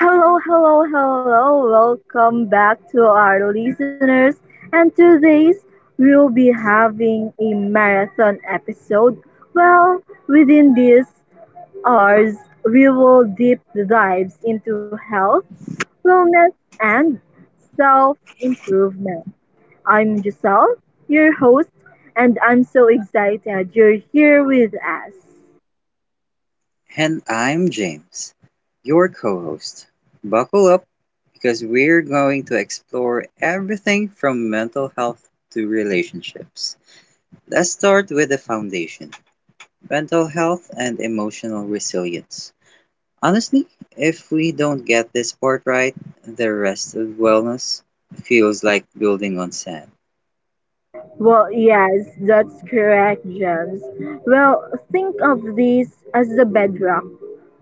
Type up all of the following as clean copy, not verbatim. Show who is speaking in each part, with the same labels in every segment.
Speaker 1: Hello, hello, hello. Welcome back to our listeners. And today's we'll be having a marathon episode. Well, Within these hours, we will deep dives into health, wellness, and self improvement. I'm Giselle, your host, and I'm so excited you're here with us.
Speaker 2: And I'm James, your co host. Buckle up because we're going to explore everything from mental health to relationships. Let's start with the foundation, mental health and emotional resilience. Honestly, if we don't get this part right, the rest of wellness feels like building on sand.
Speaker 1: Yes, that's correct, James. Think of this as the bedrock.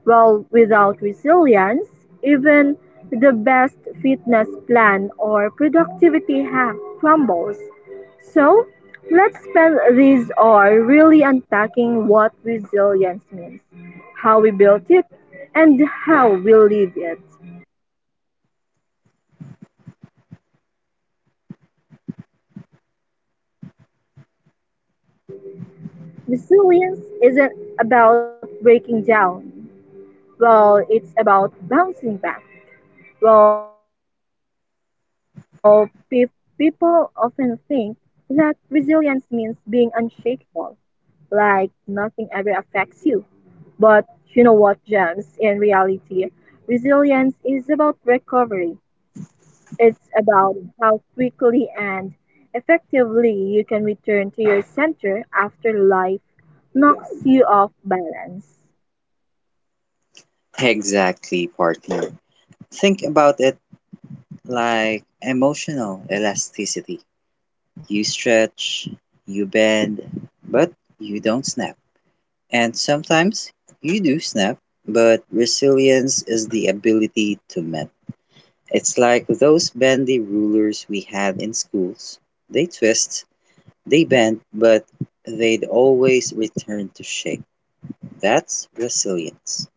Speaker 1: Without resilience, even the best fitness plan or productivity hack crumbles. So, let's spend this hour really unpacking what resilience means, how we built it, and how we live it. Resilience isn't about breaking down. It's about bouncing back. Well, pe- People often think that resilience means being unshakable, like nothing ever affects you. But you know what, Gems? In reality, resilience is about recovery. It's about how quickly and effectively you can return to your center after life knocks you off balance.
Speaker 2: Exactly, partner. Think about it like emotional elasticity. You stretch, you bend, but you don't snap. And sometimes you do snap, but resilience is the ability to mend. It's like those bendy rulers we had in schools. They twist, they bend, but they'd always return to shape. That's resilience,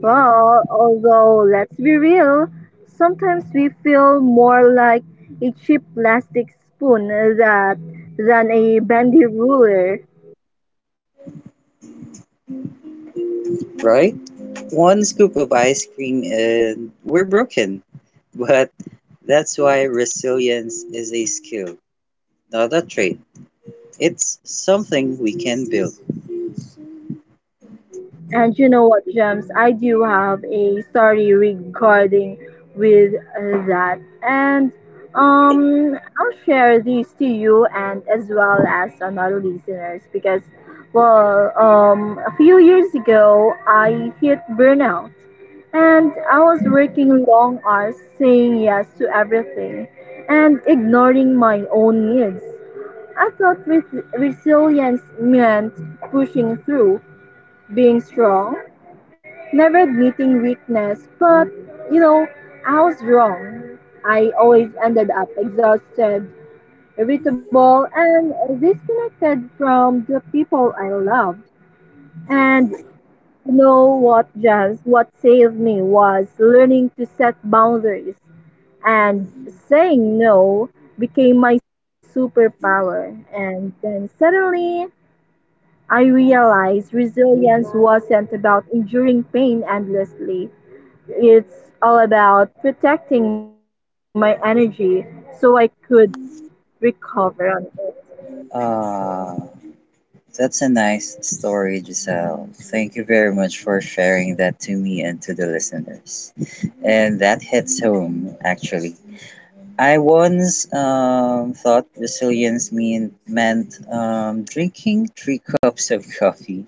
Speaker 1: Although let's be real, sometimes we feel more like a cheap plastic spoon that than a bendy ruler.
Speaker 2: right? One scoop of ice cream and we're broken. But that's why resilience is a skill, not a trait. It's something we can build.
Speaker 1: And you know what, Gems? I do have a story regarding with that, and I'll share these to you and as well as on our listeners because, a few years ago I hit burnout, and I was working long hours, saying yes to everything, and ignoring my own needs. I thought resilience meant pushing through, being strong, never admitting weakness. But, you know, I was wrong. I always ended up exhausted, irritable, and disconnected from the people I loved. And you know what, Jams? What saved me was learning to set boundaries and saying no became my superpower. And then suddenly, I realized resilience wasn't about enduring pain endlessly. It's all about protecting my energy so I could recover on it.
Speaker 2: Ah, that's a nice story, Giselle. Thank you very much for sharing that to me and to the listeners. And that hits home, actually. I once thought resilience meant drinking 3 cups of coffee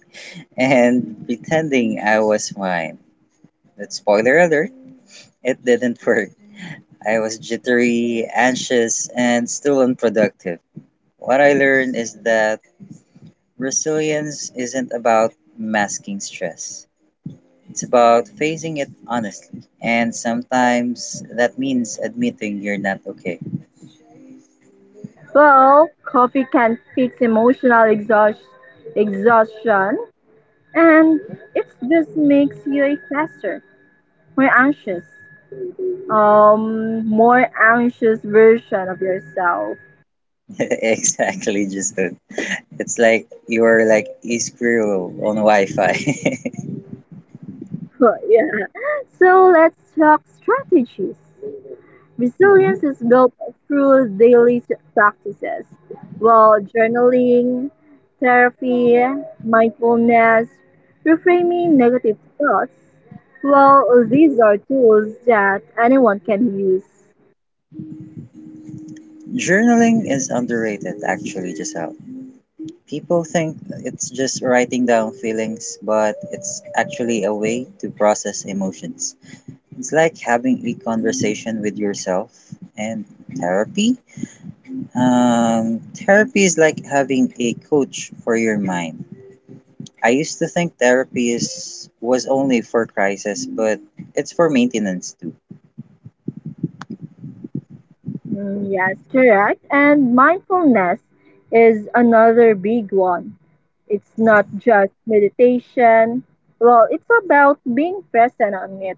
Speaker 2: and pretending I was fine. But spoiler alert, it didn't work. I was jittery, anxious, and still unproductive. What I learned is that resilience isn't about masking stress. It's about facing it honestly. And sometimes that means admitting you're not okay.
Speaker 1: Coffee can fix emotional exhaustion and it just makes you a faster, more more anxious version of yourself.
Speaker 2: Exactly, just it's like you're like a squirrel on Wi-Fi.
Speaker 1: Yeah. So let's talk strategies.
Speaker 2: Mhm.
Speaker 1: Resilience is built through daily practices, while journaling, therapy, mindfulness, reframing negative thoughts. These are tools that anyone can use.
Speaker 2: Journaling is underrated, actually, Giselle. People think it's just writing down feelings, but it's actually a way to process emotions. It's like having a conversation with yourself, and therapy. Therapy is like having a coach for your mind. I used to think therapy is was only for crisis, but it's for maintenance too.
Speaker 1: Mm, yes, correct. And mindfulness is another big one. It's not just meditation. It's about being present on it.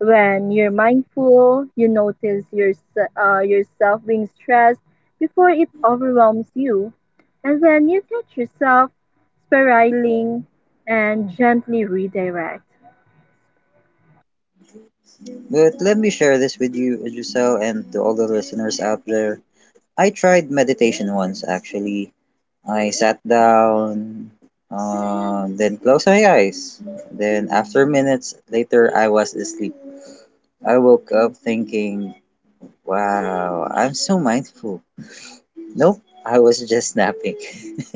Speaker 1: When you're mindful, you notice yourself being stressed before it overwhelms you, and then you catch yourself spiraling and gently redirect.
Speaker 2: But let me share this with you, Giselle, and to all the listeners out there. I tried meditation once, actually. I sat down, then closed my eyes. Then after minutes later, I was asleep. I woke up thinking, wow, I'm so mindful. Nope, I was just napping.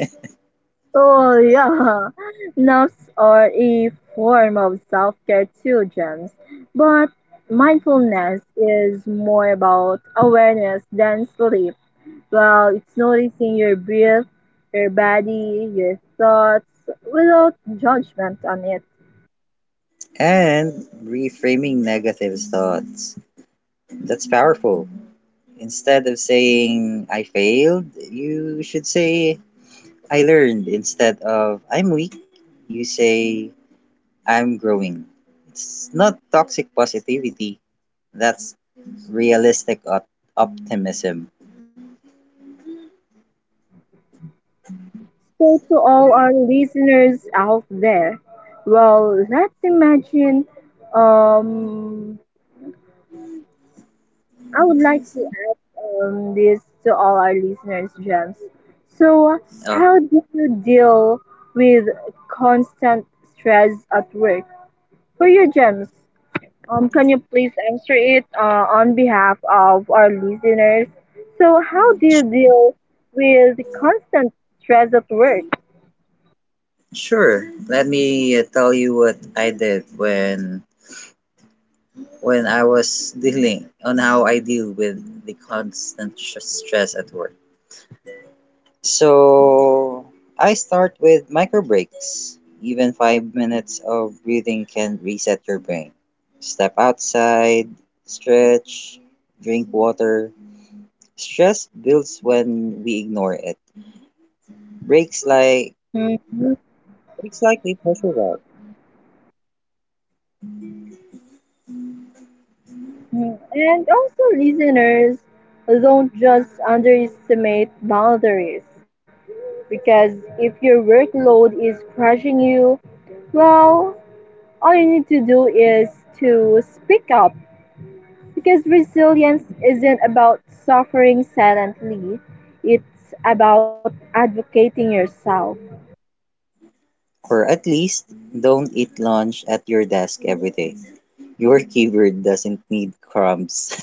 Speaker 1: Oh, yeah. Naps are a form of self care too, Gems. But mindfulness is more about awareness than sleep. It's noticing your breath, your body, your thoughts without judgment on it.
Speaker 2: And reframing negative thoughts. That's powerful. Instead of saying, I failed, you should say, I learned. Instead of, I'm weak, you say, I'm growing. It's not toxic positivity, that's realistic optimism.
Speaker 1: So, to all our listeners out there, let's imagine. Um, I would like to ask this to all our listeners, Gems. So,
Speaker 2: Uh,
Speaker 1: how do you deal with constant stress at work? For you, Gems, can you please answer it on behalf of our listeners? So, how do you deal with the constant stress at work?
Speaker 2: sure, let me tell you what I did when I was dealing on how I deal with the constant stress at work. So I start with micro breaks. Even 5 minutes of breathing can reset your brain. Step outside, stretch, drink water. Stress builds when we ignore it. Breaks like
Speaker 1: Mhm,
Speaker 2: breaks like we pressure out.
Speaker 1: mhm. And also, listeners, don't just underestimate boundaries because if your workload is crushing you, well, all you need to do is to speak up. Because resilience isn't about suffering silently, it's about advocating yourself.
Speaker 2: Or at least don't eat lunch at your desk every day. Your keyboard doesn't need crumbs.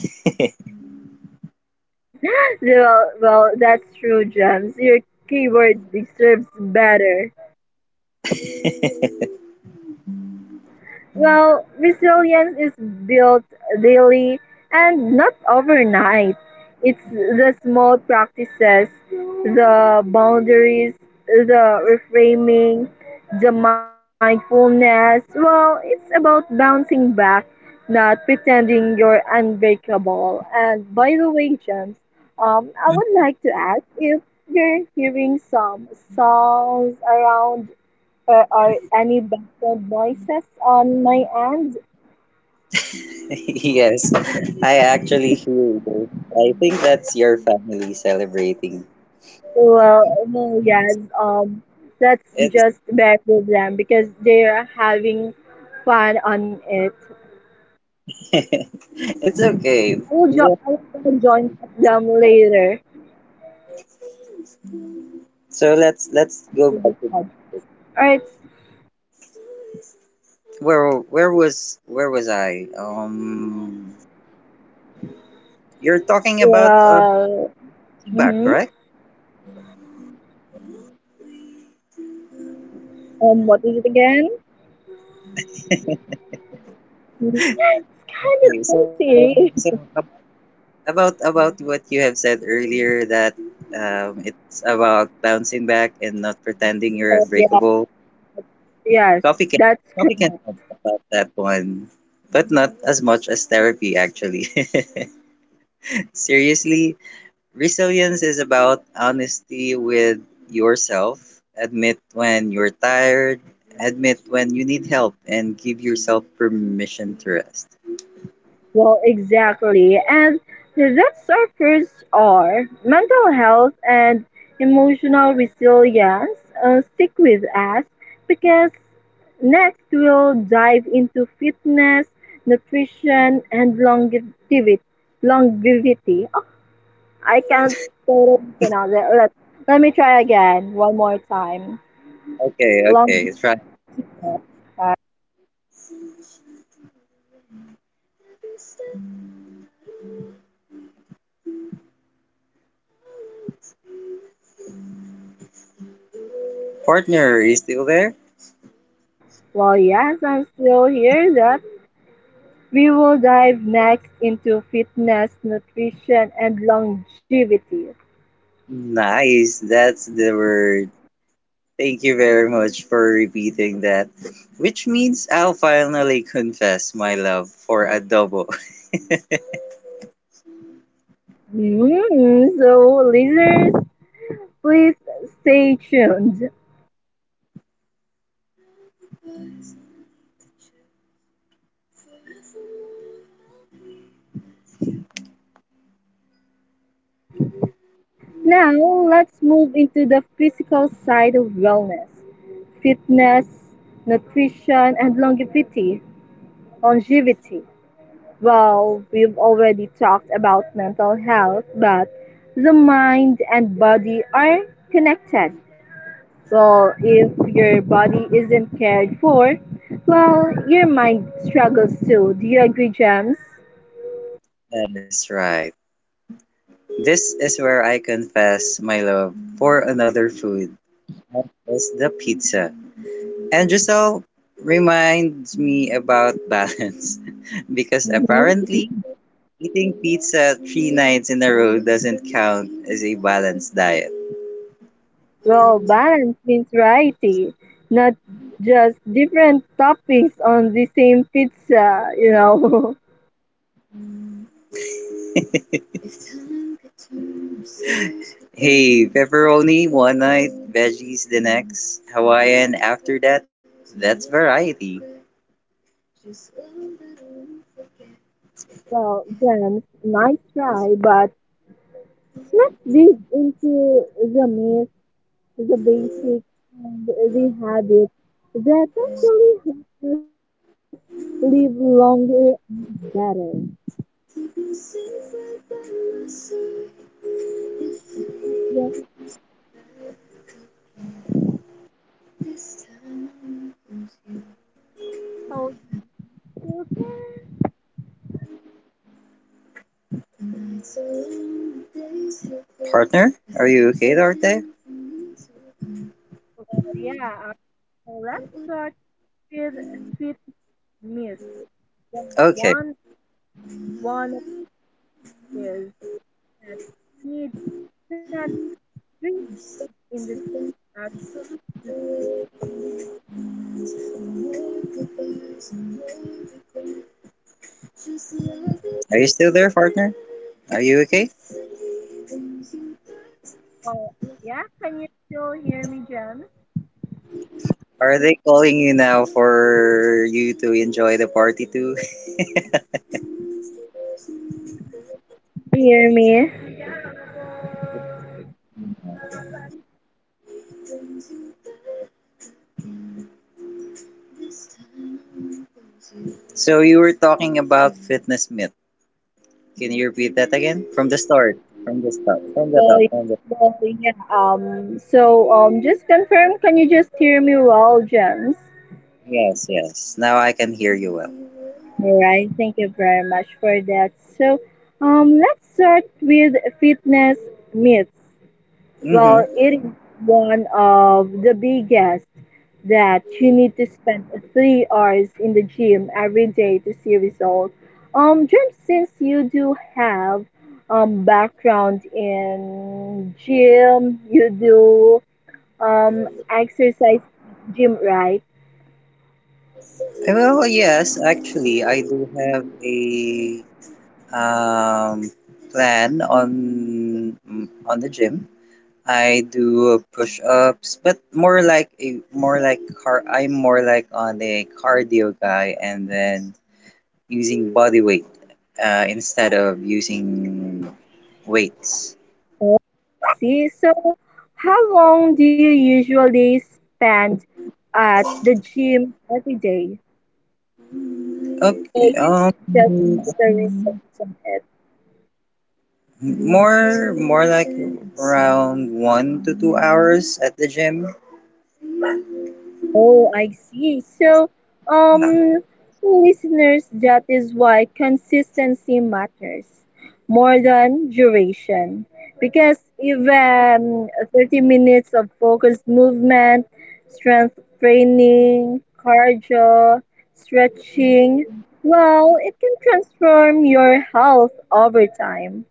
Speaker 1: Well, that's true, Gems. Your keyword deserves better. Resilience is built daily and not overnight. It's the small practices, the boundaries, the reframing, the mindfulness. It's about bouncing back, not pretending you're unbreakable. And by the way, James, I would like to ask if you're hearing some songs around or any background noises on my end?
Speaker 2: Yes, I actually hear you. I think that's your family celebrating.
Speaker 1: Well, yes. That's
Speaker 2: It's
Speaker 1: just their problem because they're having fun on it.
Speaker 2: it's okay.
Speaker 1: I'll join them later.
Speaker 2: So let's
Speaker 1: Well,
Speaker 2: let's go
Speaker 1: after this
Speaker 2: back to
Speaker 1: podcast. All right.
Speaker 2: where was I? You're talking about
Speaker 1: Well,
Speaker 2: feedback,
Speaker 1: mm-hmm.
Speaker 2: correct?
Speaker 1: What is it again? Mhm. It's kind
Speaker 2: Okay, so
Speaker 1: of
Speaker 2: so
Speaker 1: fancy.
Speaker 2: ab- about what you have said earlier, that it's about bouncing back and not pretending you're
Speaker 1: But yeah.
Speaker 2: unbreakable.
Speaker 1: Yes,
Speaker 2: Coffee can
Speaker 1: that's
Speaker 2: coffee
Speaker 1: correct.
Speaker 2: can help about that one, but not as much as therapy, actually. Seriously, resilience is about honesty with yourself. Admit when you're tired, admit when you need help, and give yourself permission to rest.
Speaker 1: Well, exactly. And that suffers are mental health and emotional resilience stick with us because next we'll dive into fitness, nutrition, and longevity. Longevity. Oh, I can't totally pronounce it. Let me try again one more time.
Speaker 2: Okay,
Speaker 1: Longevity.
Speaker 2: okay, try. Partner, are you still there?
Speaker 1: Well, yes, I'm still here. That. We will dive next into fitness, nutrition, and longevity.
Speaker 2: Nice, that's the word. Thank you very much for repeating that. Which means I'll finally confess my love for adobo.
Speaker 1: Mm, so, listeners, please stay tuned. Now, let's move into the physical side of wellness, fitness, nutrition, and longevity. Longevity. We've already talked about mental health, but the mind and body are connected. If your body isn't cared for, your mind struggles too. Do you agree, Gems?
Speaker 2: That is right. This is where I confess my love for another food, that is the pizza. And Giselle reminds me about balance because
Speaker 1: Mhm.
Speaker 2: apparently eating pizza 3 nights in a row doesn't count as a balanced diet.
Speaker 1: Well, balance means variety, not just different toppings on the same pizza, you know.
Speaker 2: Hey, pepperoni one night, veggies the next, Hawaiian after that. That's variety.
Speaker 1: Well, Gems, nice try, but let's dig into the myths, the basics, and the habits that actually help us live longer and better. Yes.
Speaker 2: Partner, are you okay out?
Speaker 1: Yeah, so let's start with fit myths. The
Speaker 2: Okay.
Speaker 1: one one of is that you need 10 drinks in the uh, to is.
Speaker 2: Are you still there, partner? Are you okay?
Speaker 1: Yeah, can you still hear me, Jen?
Speaker 2: Are they calling you now for you to enjoy the party too?
Speaker 1: Hear me?
Speaker 2: So you were talking about fitness myth. Can you repeat that again? From the start. From the start. From the
Speaker 1: Well,
Speaker 2: top. From the—
Speaker 1: well, yeah. So just confirm. Can you just hear me well, James?
Speaker 2: Yes, yes. Now I can hear you well.
Speaker 1: All right. Thank you very much for that. So, let's start with fitness myths.
Speaker 2: Mm-hmm.
Speaker 1: Well, it is one of the biggest that you need to spend 3 hours in the gym every day to see results. James, since you do have background in gym, you do exercise gym, right?
Speaker 2: Well, yes, actually, I do have a um, plan on the gym. I do push ups, but more like a more like car. I'm more like on a cardio guy, and then using body weight instead of using weights.
Speaker 1: Oh, I see. So, how long do you usually spend at the gym every day? So
Speaker 2: Okay.
Speaker 1: you can just see the results on it.
Speaker 2: More like around 1 to 2 hours at the gym,
Speaker 1: Oh, I see. So, um, listeners, that is why consistency matters more than duration. Because even 30 minutes of focused movement, strength training, cardio, stretching, well, it can transform your health over time.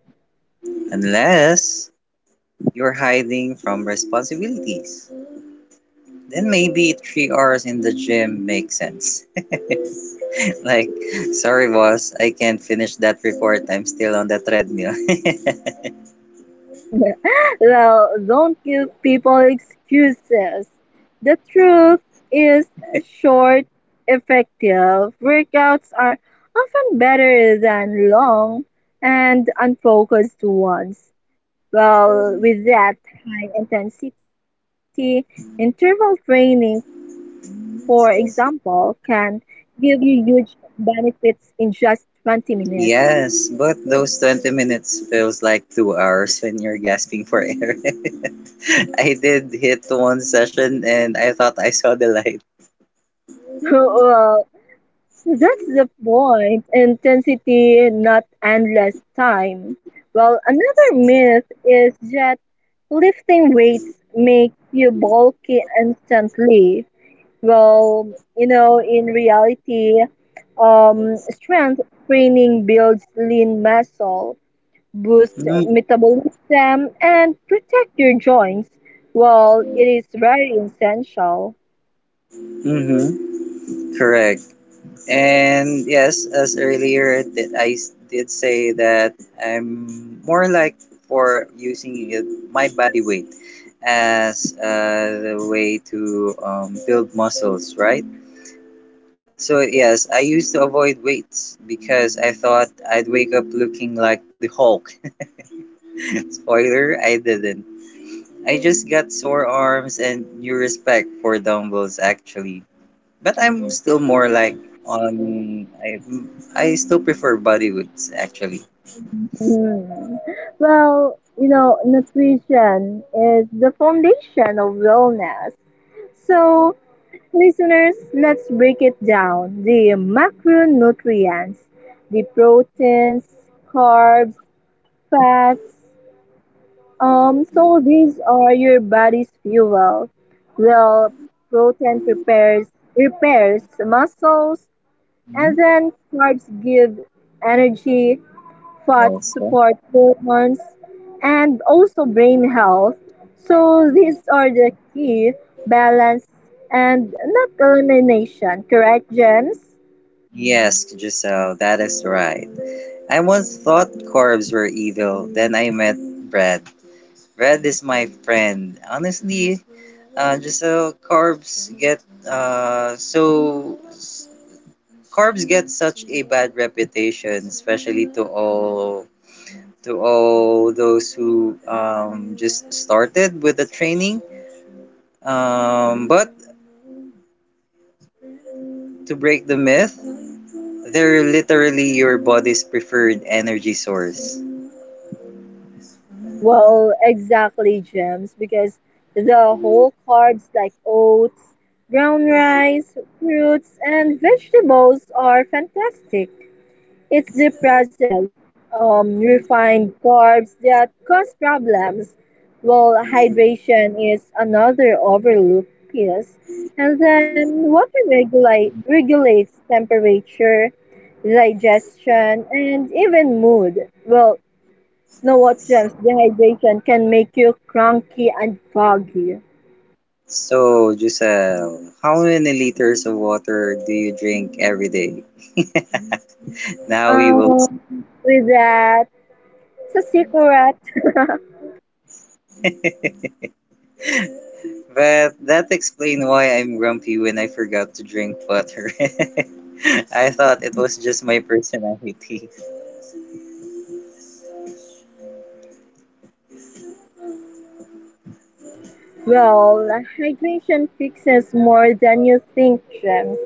Speaker 2: unless you're hiding from responsibilities. Then maybe 3 hours in the gym makes sense. Like, sorry, boss, I can't finish that report. I'm still on the treadmill.
Speaker 1: Well, don't give people excuses. The truth is short, effective workouts are often better than long and unfocused ones. Well, with that high intensity, interval training, for example, can give you huge benefits in just 20 minutes.
Speaker 2: Yes, but those 20 minutes feels like 2 hours when you're gasping for air. I did hit one session and I thought I saw the light.
Speaker 1: Well, that's the point. Intensity, not endless time. Well, another myth is that lifting weights makes you bulky instantly. Well, you know, in reality, strength training builds lean muscle, boosts metabolism, and protect your joints. Well, it is very essential.
Speaker 2: Mm-hmm. Correct. And yes, as earlier that I did say, that I'm more like for using it, my body weight as the way to build muscles, right? So yes, I used to avoid weights because I thought I'd wake up looking like the Hulk. Spoiler, I didn't. I just got sore arms and new respect for dumbbells, actually. But I'm still more like on I still prefer bodywoods, actually.
Speaker 1: Hmm. Well, you know, nutrition is the foundation of wellness. So, listeners, let's break it down. The macronutrients, the proteins, carbs, fats. So these are your body's fuel. Well, protein prepares repairs muscles,
Speaker 2: Hmm.
Speaker 1: and then carbs give energy, fats
Speaker 2: Also.
Speaker 1: support hormones and also brain health. So these are the key balance and not elimination, correct, James?
Speaker 2: Yes, Giselle, that is right. I once thought carbs were evil, then I met bread. Bread is my friend. Honestly, Giselle, carbs get such a bad reputation, especially to all those who just started with the training. But to break the myth, they're literally your body's preferred energy source.
Speaker 1: Well, exactly, James, because the whole carbs like oats, brown rice, fruits, and vegetables are fantastic. It's the processed, refined carbs that cause problems, while hydration is another overlooked piece. And then regulates temperature, digestion, and even mood. Well, no what gems, dehydration can make you cranky and foggy.
Speaker 2: So, Giselle, how many liters of water do you drink every day? Now we will see.
Speaker 1: With that, sa secret.
Speaker 2: But that explains why I'm grumpy when I forgot to drink water. I thought it was just my personality.
Speaker 1: Well, hydration fixes more than you think, James.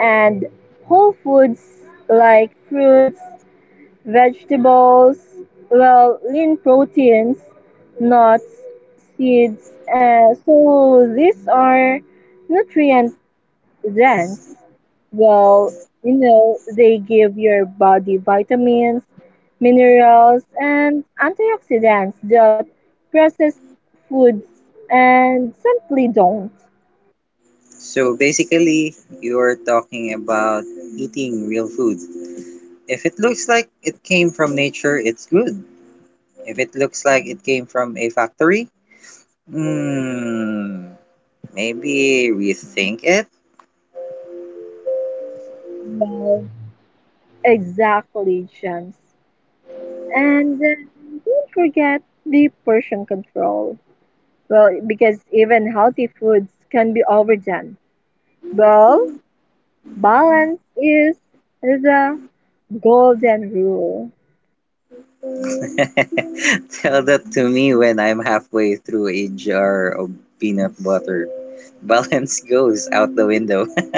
Speaker 1: And whole foods like fruits, vegetables, well, lean proteins, nuts, seeds. So these are nutrient Zens, well, you know, they give your body vitamins, minerals, and antioxidants that processed foods and simply don't.
Speaker 2: So basically, you're talking about eating real food. If it looks like it came from nature, it's good. If it looks like it came from a factory, hmm, maybe rethink it.
Speaker 1: Well, exactly, James. And don't forget the portion control. Well, because even healthy foods can be overdone. Well, balance is the golden rule.
Speaker 2: Tell that to me when I'm halfway through a jar of peanut butter. Balance goes out the window.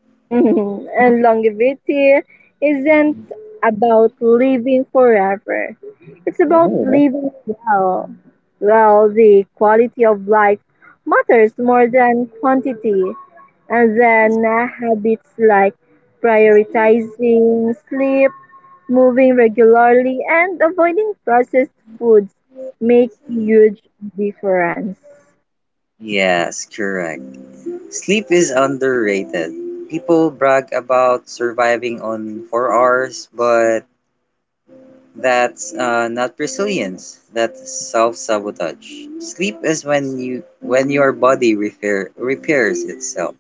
Speaker 1: Mhm. And longevity isn't about living forever. It's about
Speaker 2: Oh.
Speaker 1: living well. Well, the quality of life matters more than quantity. And then habits like prioritizing sleep, moving regularly, and avoiding processed foods make huge difference.
Speaker 2: Yes, correct. Sleep is underrated. People brag about surviving on 4 hours, but that's not resilience. That's self-sabotage. Sleep is when your body repairs itself.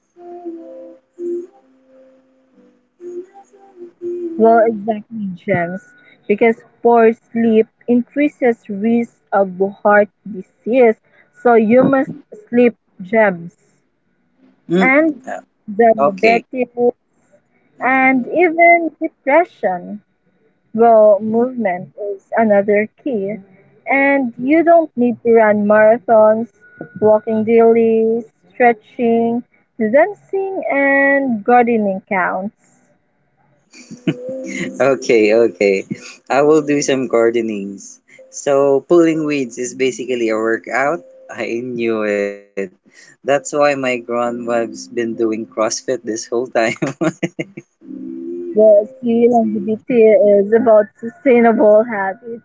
Speaker 1: Well, exactly, Gems, because poor sleep increases risk of heart disease. So you must sleep, Gems,
Speaker 2: Mm.
Speaker 1: and
Speaker 2: Uh, okay,
Speaker 1: diabetes, and even depression. Well, movement is another key, and you don't need to run marathons, walking daily, stretching, dancing, and gardening counts.
Speaker 2: okay. I will do some gardenings. So pulling weeds is basically a workout. I knew it. That's why my grandma's been doing CrossFit this whole time.
Speaker 1: Well, see, longevity is about sustainable habits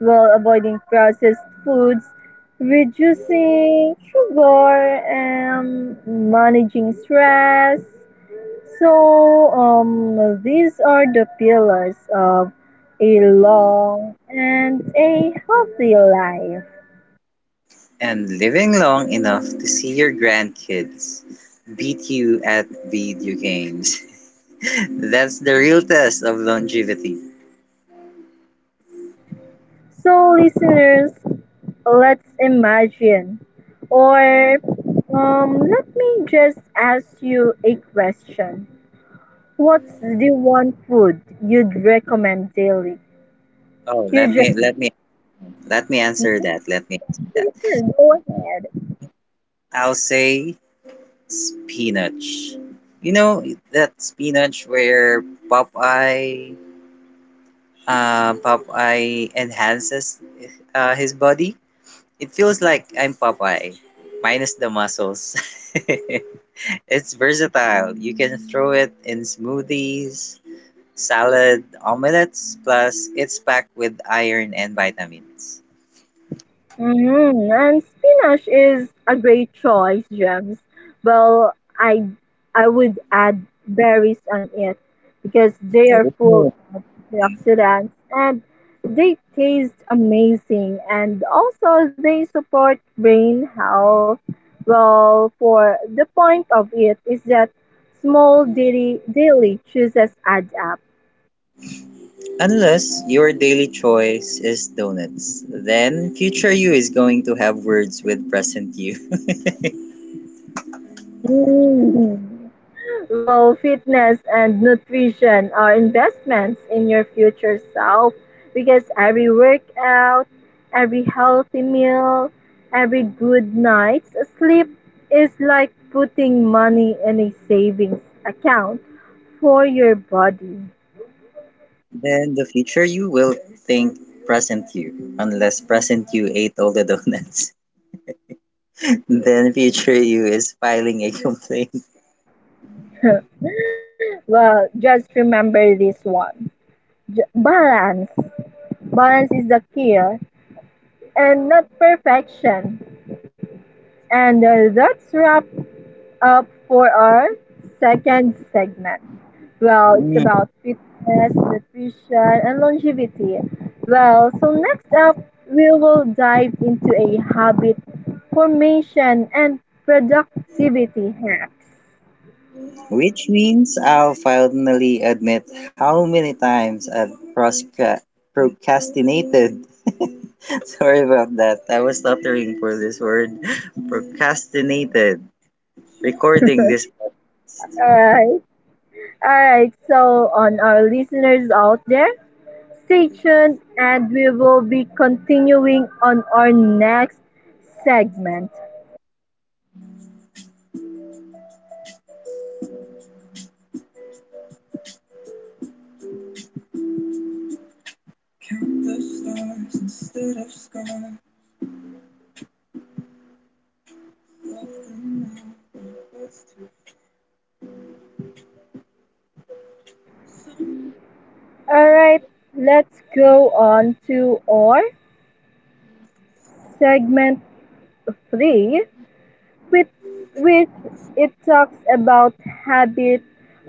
Speaker 1: while avoiding processed foods, reducing sugar, and managing stress. So, these are the pillars of a long and a healthy life.
Speaker 2: And living long enough to see your grandkids beat you at video games. That's the real test of longevity.
Speaker 1: So, listeners, let's imagine, or let me just ask you a question. What's the one food you'd recommend daily?
Speaker 2: Oh, let
Speaker 1: Eugene,
Speaker 2: me let me let me answer
Speaker 1: mhm,
Speaker 2: that. Let me answer that.
Speaker 1: sure, go ahead.
Speaker 2: I'll say spinach. You know that spinach where Popeye, Popeye enhances his body. It feels like I'm Popeye, minus the muscles. It's versatile. You can throw it in smoothies, salad, omelets. Plus, it's packed with iron and vitamins.
Speaker 1: Hmm. And spinach is a great choice, Gems. Well, I I would add berries on it because they are full
Speaker 2: Oh.
Speaker 1: antioxidants, and they taste amazing. And also, they support brain health. Well, for the point of it is that small daily choices add up.
Speaker 2: Unless your daily choice is donuts, then future you is going to have words with present you.
Speaker 1: Mhm. Well, fitness and nutrition are investments in your future self because every workout, every healthy meal, every good night's sleep is like putting money in a savings account for your body.
Speaker 2: Then the future you will think present you, unless present you ate all the donuts. Then future you is filing a complaint.
Speaker 1: Well, just remember this one. Balance. Balance is the key and not perfection. And that's wrap up for our second segment. Well, it's
Speaker 2: Mm.
Speaker 1: about fitness, nutrition, and longevity. Well, so next up, we will dive into a habit formation and productivity hacks.
Speaker 2: Which means I'll finally admit how many times I've procrastinated. Sorry about that. I was stuttering for this word. Procrastinated. Recording this—
Speaker 1: Alright, alright, so on our listeners out there, stay tuned and we will be continuing on our next segment. Alright, let's go on to our segment 3, with which it talks about habit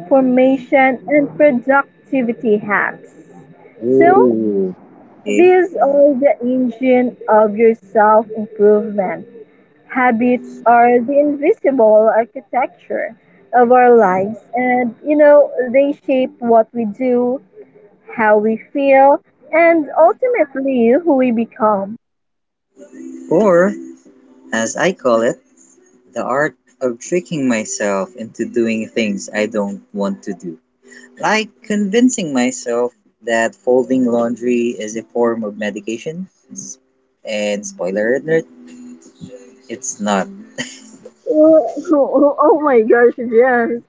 Speaker 1: formation and productivity hacks. So,
Speaker 2: Ooh, okay.
Speaker 1: these are the engine of your self improvement. Habits are the invisible architecture of our lives, and you know, they shape what we do, how we feel, and ultimately who we become.
Speaker 2: Or as I call it, the art of tricking myself into doing things I don't want to do. Like convincing myself that folding laundry is a form of medication. S- And spoiler alert, it's not.
Speaker 1: Oh my gosh, James.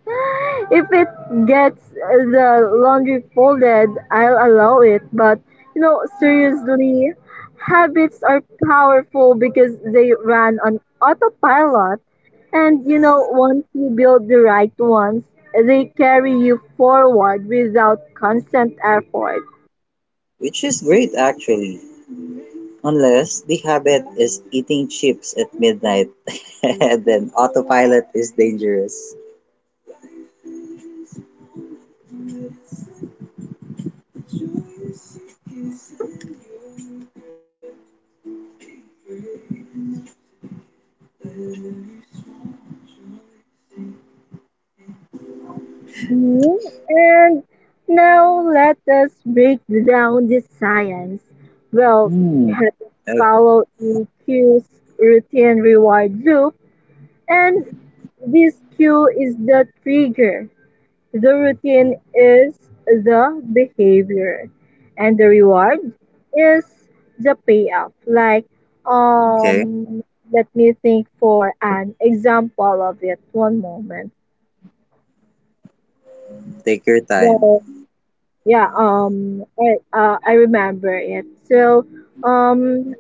Speaker 1: If it gets the laundry folded, I'll allow it. But, you know, seriously, habits are powerful because they run on autopilot. And, you know, once you build the right ones, they carry you forward without constant effort.
Speaker 2: Which is great, actually. Unless the habit is eating chips at midnight, then autopilot is dangerous.
Speaker 1: Mhm. And now let us break down the science. Well,
Speaker 2: Hmm.
Speaker 1: habits
Speaker 2: Okay,
Speaker 1: follow a cue's routine reward loop, and this cue is the trigger. The routine is the behavior, and the reward is the payoff.
Speaker 2: okay.
Speaker 1: Um, Let me think for an example of it. One moment.
Speaker 2: Take your time.
Speaker 1: Well, I remember it. Um,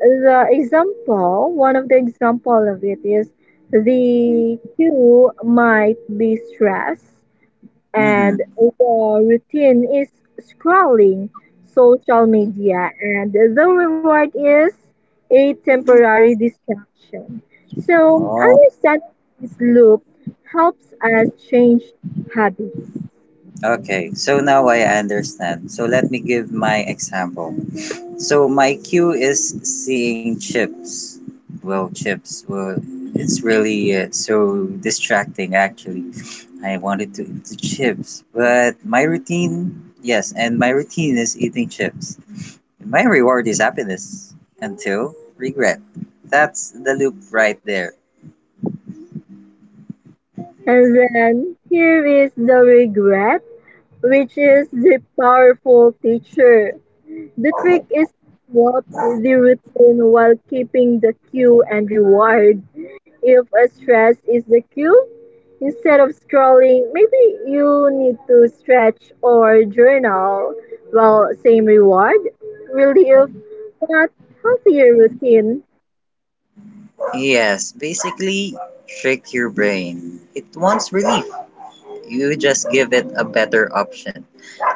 Speaker 1: the example, one of the example of it is the queue might be stress
Speaker 2: Mm-hmm.
Speaker 1: and the routine is scrolling social media, and the reward is a temporary distraction. So,
Speaker 2: Oh,
Speaker 1: understanding this loop helps us change habits.
Speaker 2: okay. So now I understand. So let me give my example. So my cue is seeing chips. Well, chips. Well, it's really so distracting. Actually, I wanted to eat the chips, but my routine, yes, and my routine is eating chips. My reward is happiness until regret. That's the loop right there.
Speaker 1: And then here is the regret, which is the powerful teacher. The trick is to walk the routine while keeping the cue and reward. If a stress is the cue, instead of scrolling, maybe you need to stretch or journal. Well, same reward, relief, but healthier routine.
Speaker 2: Yes, basically, trick your brain. It wants relief. You just give it a better option,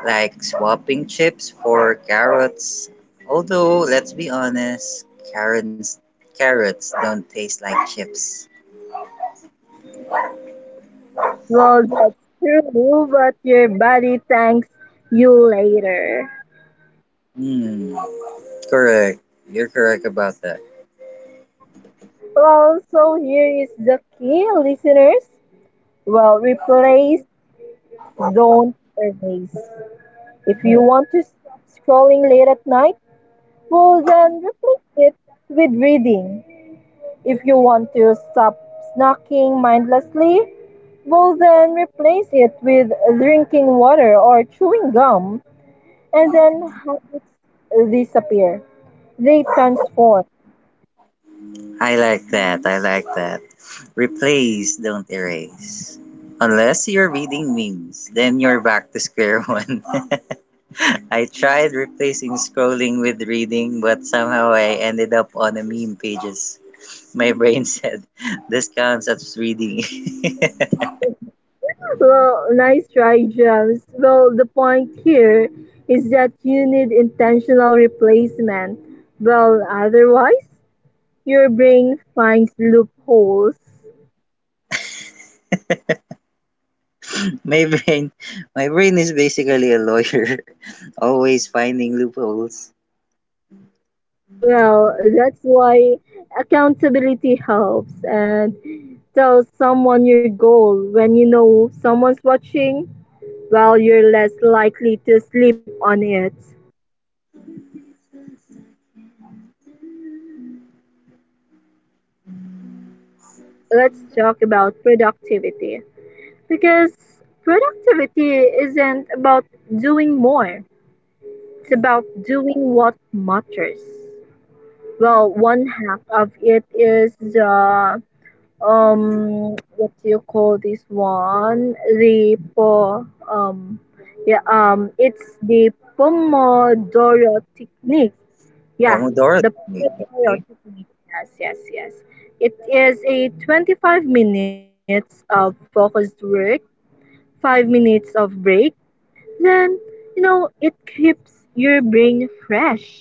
Speaker 2: like swapping chips for carrots. Although, let's be honest, carrots carrots don't taste like chips.
Speaker 1: Well, that's true, but your body thanks you later.
Speaker 2: Hmm, correct. You're correct about that.
Speaker 1: Well, so here is the key, listeners. Well, replace, don't erase. If you want to scrolling late at night, well then replace it with reading. If you want to stop snacking mindlessly, well then replace it with drinking water or chewing gum, and then habits disappear. They transform.
Speaker 2: I like that. I like that. Replace, don't erase. Unless you're reading memes, then you're back to square one. I tried replacing scrolling with reading, but somehow I ended up on a meme pages. My brain said, "This counts as reading."
Speaker 1: Well, nice try, Gems. Well, the point here is that you need intentional replacement. Well, otherwise, your brain finds loopholes.
Speaker 2: my brain, my brain is basically a lawyer, always finding loopholes.
Speaker 1: Well, that's why accountability helps, and tell someone your goal when you know someone's watching. Well, you're less likely to sleep on it. Well, now, listeners, let's talk about productivity. Because productivity isn't about doing more, it's about doing what matters. Well, one half of it is the what do you call this one? The po um the Pomodoro technique. Yeah,
Speaker 2: Pomodoro
Speaker 1: the
Speaker 2: technique.
Speaker 1: Pomodoro
Speaker 2: Okay.
Speaker 1: technique. Yes. It is a 25 minutes of focused work, 5 minutes of break, then, you know, it keeps your brain fresh.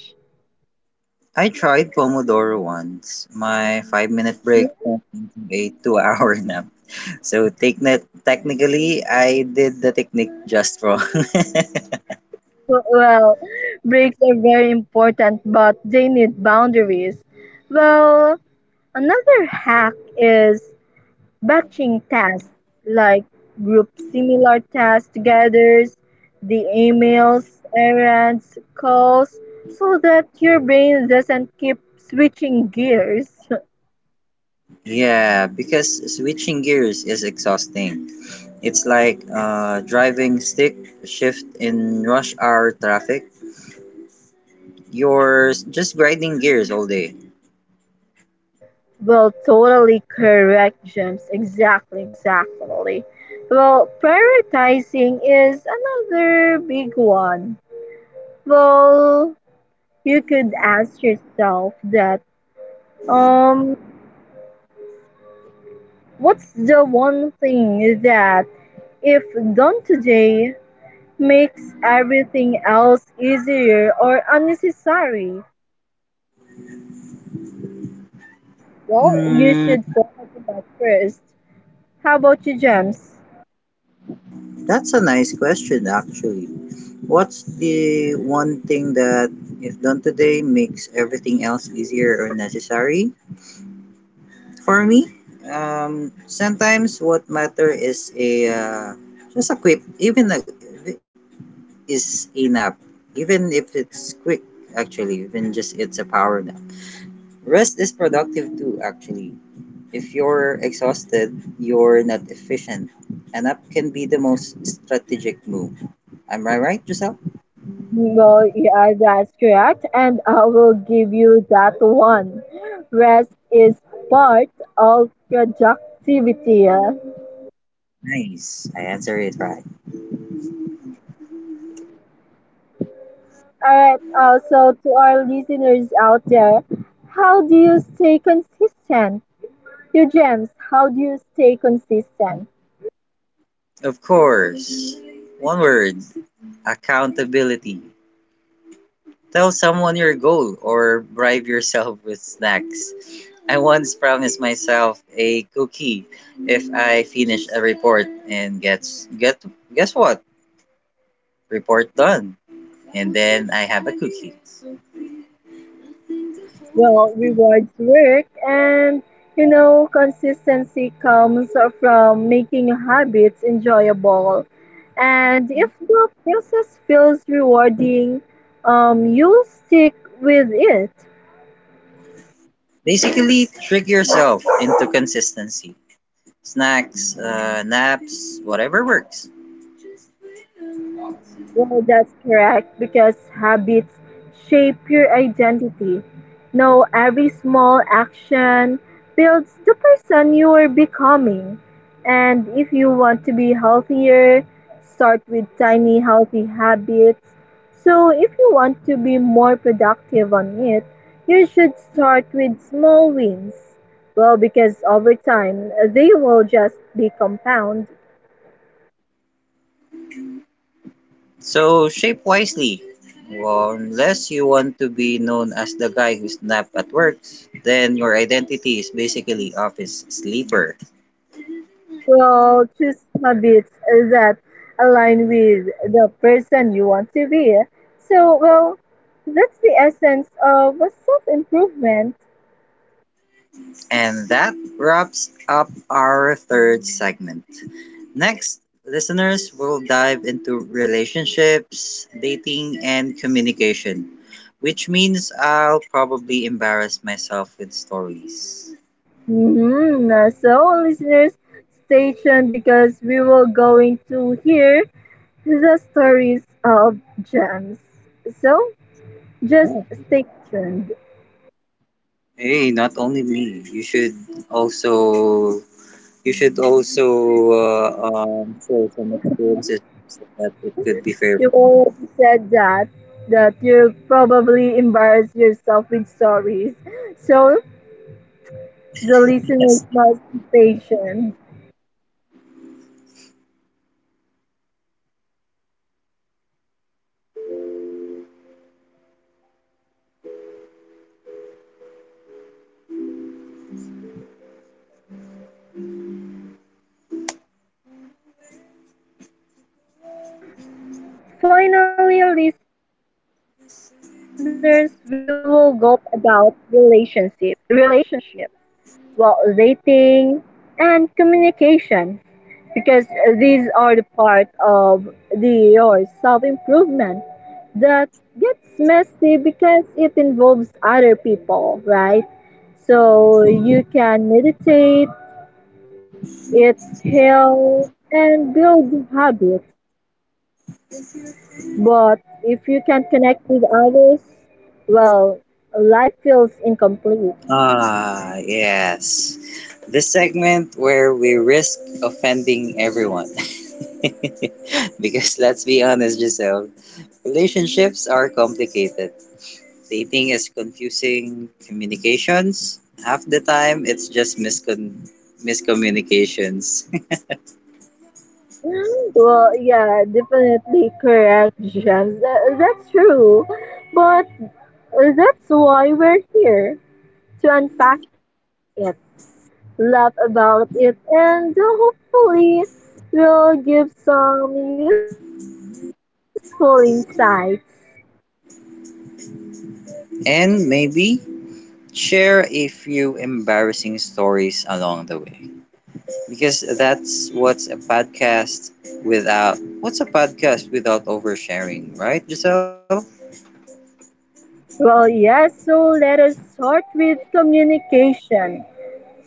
Speaker 2: I tried Pomodoro once. My
Speaker 1: Oh,
Speaker 2: five-minute
Speaker 1: yeah.
Speaker 2: break turned into a two-hour nap. So technically, I did the technique just wrong.
Speaker 1: Well, breaks are very important, but they need boundaries. Well, another hack is batching tasks, like group similar tasks together, the emails, errands, calls, so that your brain doesn't keep switching gears.
Speaker 2: Yeah, because switching gears is exhausting. It's like driving stick shift in rush hour traffic. You're just grinding gears all day.
Speaker 1: Well, totally correct, James. Exactly. Well, prioritizing is another big one. Well, you could ask yourself that um what's the one thing that if done today makes everything else easier or unnecessary? Well, you
Speaker 2: Hmm,
Speaker 1: should focus on that first. How about you, James?
Speaker 2: that's a nice question, actually. What's the one thing that, if done today, makes everything else easier or necessary? For me, sometimes what matter is a just a quick, even a, is a nap, even if it's quick. Actually, even just it's a power nap. Rest is productive too. Actually, if you're exhausted, you're not efficient. An up can be the most strategic move. Am I right, Giselle?
Speaker 1: Well, yeah, that's correct, and I will give you that one. Rest is part of productivity. All
Speaker 2: Nice. I answered it right.
Speaker 1: right, so to our listeners out there, how do you stay consistent? You gems, how do you stay consistent?
Speaker 2: Of course. One word, accountability. Tell someone your goal or bribe yourself with snacks. I once promised myself a cookie if I finish a report and gets get guess what? Report done. And then I have a cookie.
Speaker 1: Well, rewards work, and you know, consistency comes from making habits enjoyable, and if the process feels rewarding, you'll stick with it.
Speaker 2: Basically, trick yourself into consistency. Snacks, naps, whatever works.
Speaker 1: Yeah, that's correct because habits shape your identity. Now, every small action builds the person you are becoming. And if you want to be healthier, start with tiny healthy habits. So, if you want to be more productive on it, you should start with small wins. Well, because over time, they will just be compound.
Speaker 2: So shape wisely. Well, unless you want to be known as the guy who napped at work, then your identity is basically office sleeper.
Speaker 1: Well, choose habits that align with the person you want to be. So, well, that's the essence of self improvement.
Speaker 2: And that wraps up our third segment. Next, listeners will dive into relationships, dating, and communication. Which means I'll probably embarrass myself with stories.
Speaker 1: Hmm. So, listeners, stay tuned because we will going to hear the stories of gems. So, just
Speaker 2: Oh,
Speaker 1: stay tuned.
Speaker 2: hey, not only me. Also you should also share some experiences so that it could be fair.
Speaker 1: You all said that you probably embarrass yourself with stories. So the
Speaker 2: Yes.
Speaker 1: listeners must be patient. Finally, listeners, we will going to talk about relationships, well, dating, and communication, because these are the part of the your self improvement that gets messy because it involves other people, right? So you can meditate, it heal and build habits. But if you can't connect with others, well, life feels incomplete.
Speaker 2: Ah, yes. This segment where we risk offending everyone. Because let's be honest, Giselle, relationships are complicated. Dating is confusing, communications. Half the time, it's just miscommunications.
Speaker 1: Well, yeah, definitely correct, James. That's true. But that's why we're here to unpack it, laugh about it, and hopefully, we'll give some useful insights.
Speaker 2: And maybe share a few embarrassing stories along the way. Because that's what's a podcast without. What's a podcast without oversharing, right, Giselle?
Speaker 1: Well, yes, so let us start with communication.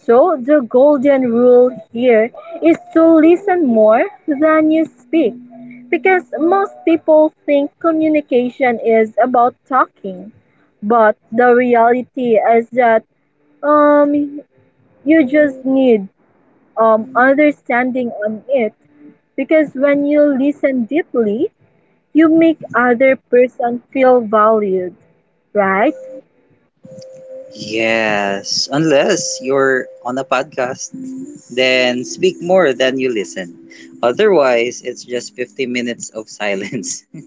Speaker 1: So, the golden rule here is to listen more than you speak, because most people think communication is about talking, but the reality is that um, you just need understanding on it, because when you listen deeply, you make other person feel valued, right?
Speaker 2: Yes, unless you're on a podcast, then speak more than you listen. Otherwise, it's just 50 minutes of silence.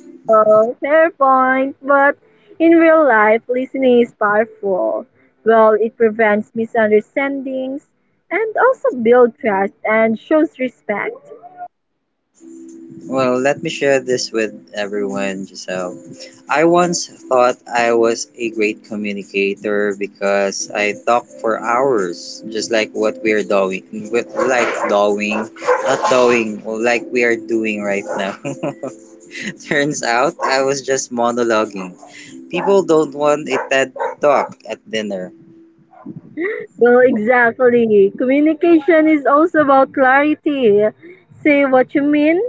Speaker 1: Well, fair point, but in real life, listening is powerful. Well, it prevents misunderstandings and also builds trust and shows respect.
Speaker 2: Well, let me share this with everyone, Giselle. I once thought I was a great communicator because I talked for hours, just like what we are doing, with like doing, not doing, like we are doing right now. Turns out I was just monologuing. People don't want a TED talk at dinner.
Speaker 1: Well, exactly. Communication is also about clarity. Say what you mean.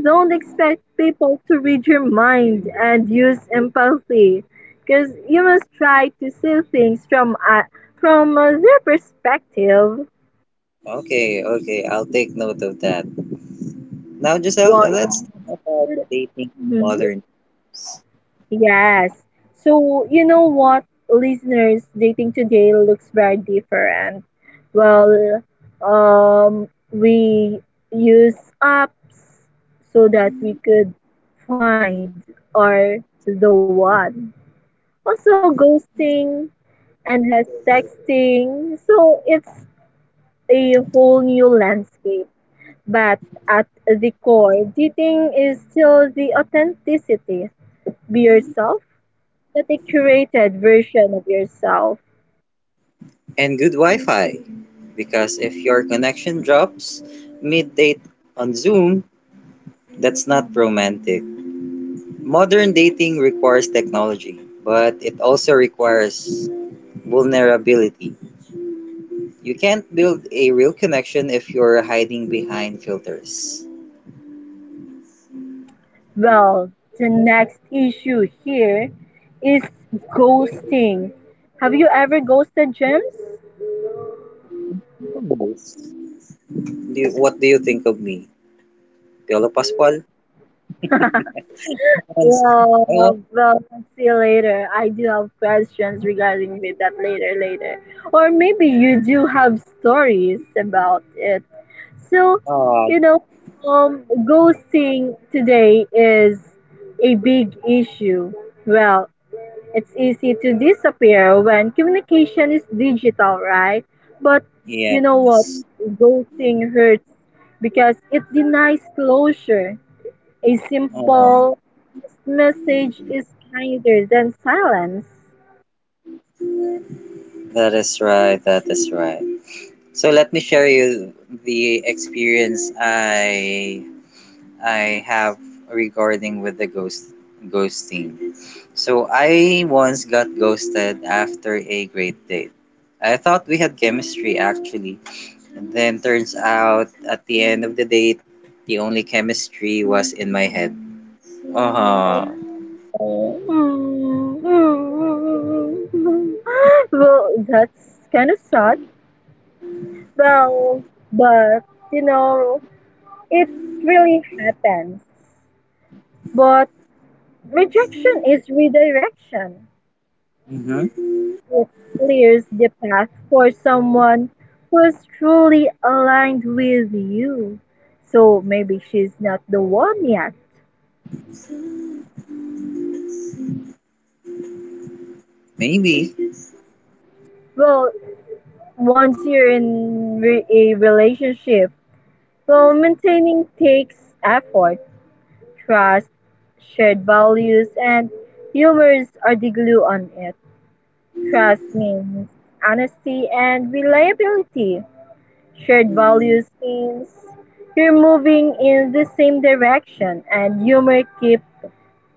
Speaker 1: Don't expect people to read your mind, and use empathy because you must try to see things from their perspective.
Speaker 2: Okay, okay, I'll take note of that. Now, Giselle,
Speaker 1: Well,
Speaker 2: let's
Speaker 1: yeah.
Speaker 2: talk about dating in
Speaker 1: Mhm.
Speaker 2: modern
Speaker 1: Yes. So, you know what, listeners, dating today looks very different. Well, we use apps so that we could find or the one. Also, ghosting, endless texting. So, it's a whole new landscape. But at the core, dating is still the authenticity. Be yourself. Get a curated version of yourself.
Speaker 2: and good Wi-Fi. Because if your connection drops mid-date on Zoom, that's not romantic. Modern dating requires technology, but it also requires vulnerability. You can't build a real connection if you're hiding behind filters.
Speaker 1: Well, the next issue here is ghosting. Have you ever ghosted, James?
Speaker 2: Nice. What do you think of me? Piolo Pascual? Once, I want,
Speaker 1: Well, well, See you later. I do have questions regarding with that, later, later. Or maybe you do have stories about it. So,
Speaker 2: oh,
Speaker 1: you know, ghosting today is a big issue. Well, it's easy to disappear when communication is digital, right? But you know what?
Speaker 2: yes.
Speaker 1: Ghosting hurts because it denies closure. A
Speaker 2: Oh,
Speaker 1: simple message is kinder than silence.
Speaker 2: that is right. That is right. So let me share you the experience I have regarding with the ghosting. So I once got ghosted after a great date. I thought we had chemistry actually, and then turns out at the end of the date, the only chemistry was in my head. Uh huh.
Speaker 1: Oh. Well, that's kind of sad. Well, but you know, it really happens. But rejection is redirection.
Speaker 2: Hmm.
Speaker 1: It clears the path for someone who is truly aligned with you. So maybe she's not the one yet.
Speaker 2: Maybe.
Speaker 1: Well, once you're in a relationship, well, maintaining takes effort, trust, shared values, and humors are the glue on it. Trust means honesty and reliability. Shared values means you're moving in the same direction, and humor keeps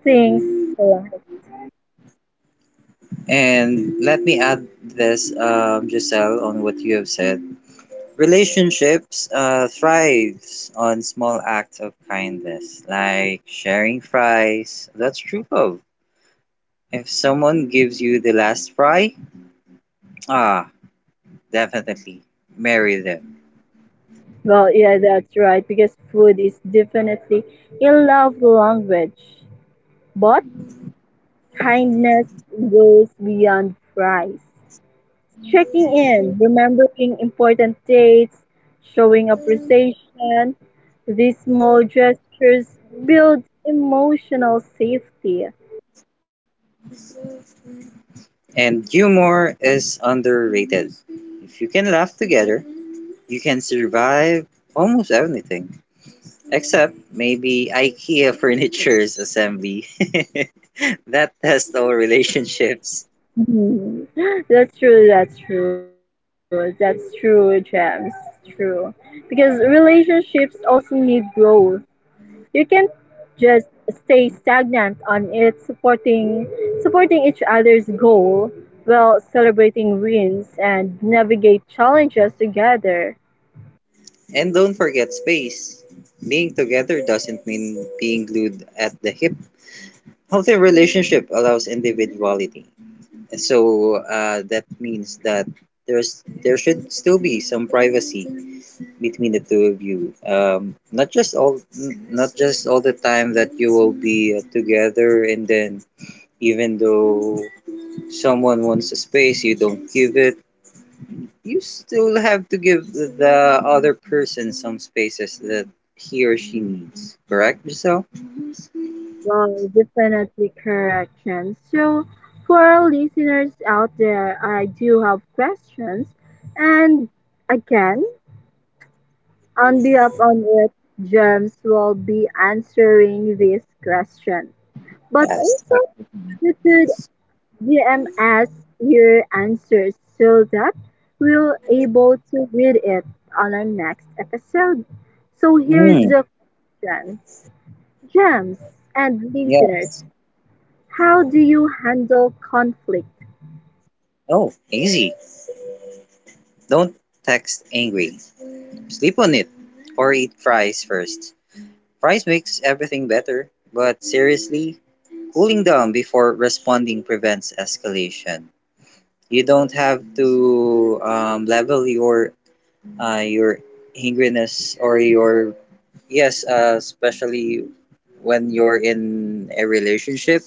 Speaker 1: things alive.
Speaker 2: And let me add this, Giselle, on what you have said. Relationships thrives on small acts of kindness, like sharing fries. That's true love. If someone gives you the last fry, ah, definitely marry them.
Speaker 1: Well, yeah, that's right, because food is definitely a love language. But kindness goes beyond price. Checking in, remembering important dates, showing appreciation, these small gestures build emotional safety.
Speaker 2: And humor is underrated. If you can laugh together, you can survive almost anything, except maybe ikea furniture's assembly. That tests all relationships.
Speaker 1: Mhm. That's true, James. True. Because relationships also need growth. You can't just stay stagnant on it, supporting each other's goal while celebrating wins and navigate challenges together.
Speaker 2: And don't forget space. Being together doesn't mean being glued at the hip. Healthy relationship allows individuality. So that means that there should still be some privacy between the two of you. Not just all n- not just all the time that you will be together, and then, even though someone wants a space you don't give it, you still have to give the other person some spaces that he or she needs. Correct, Giselle?
Speaker 1: Well, definitely correct, James. So for our listeners out there, I do have questions, and again, on the Up on It, Gems will be answering this question. But
Speaker 2: Yes.
Speaker 1: also, you could DM us your answers so that we'll able to read it on our next episode. So here's
Speaker 2: Mm,
Speaker 1: the question. Gems and listeners,
Speaker 2: yes.
Speaker 1: how do you handle conflict?
Speaker 2: Oh, easy. Don't text angry. Sleep on it. Or eat fries first. Fries makes everything better, but seriously, cooling down before responding prevents escalation. You don't have to level your angriness or your yes, especially when you're in a relationship.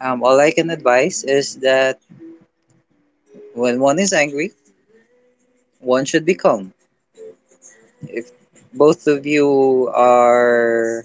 Speaker 2: All I can advise is that when one is angry, one should be calm. If both of you are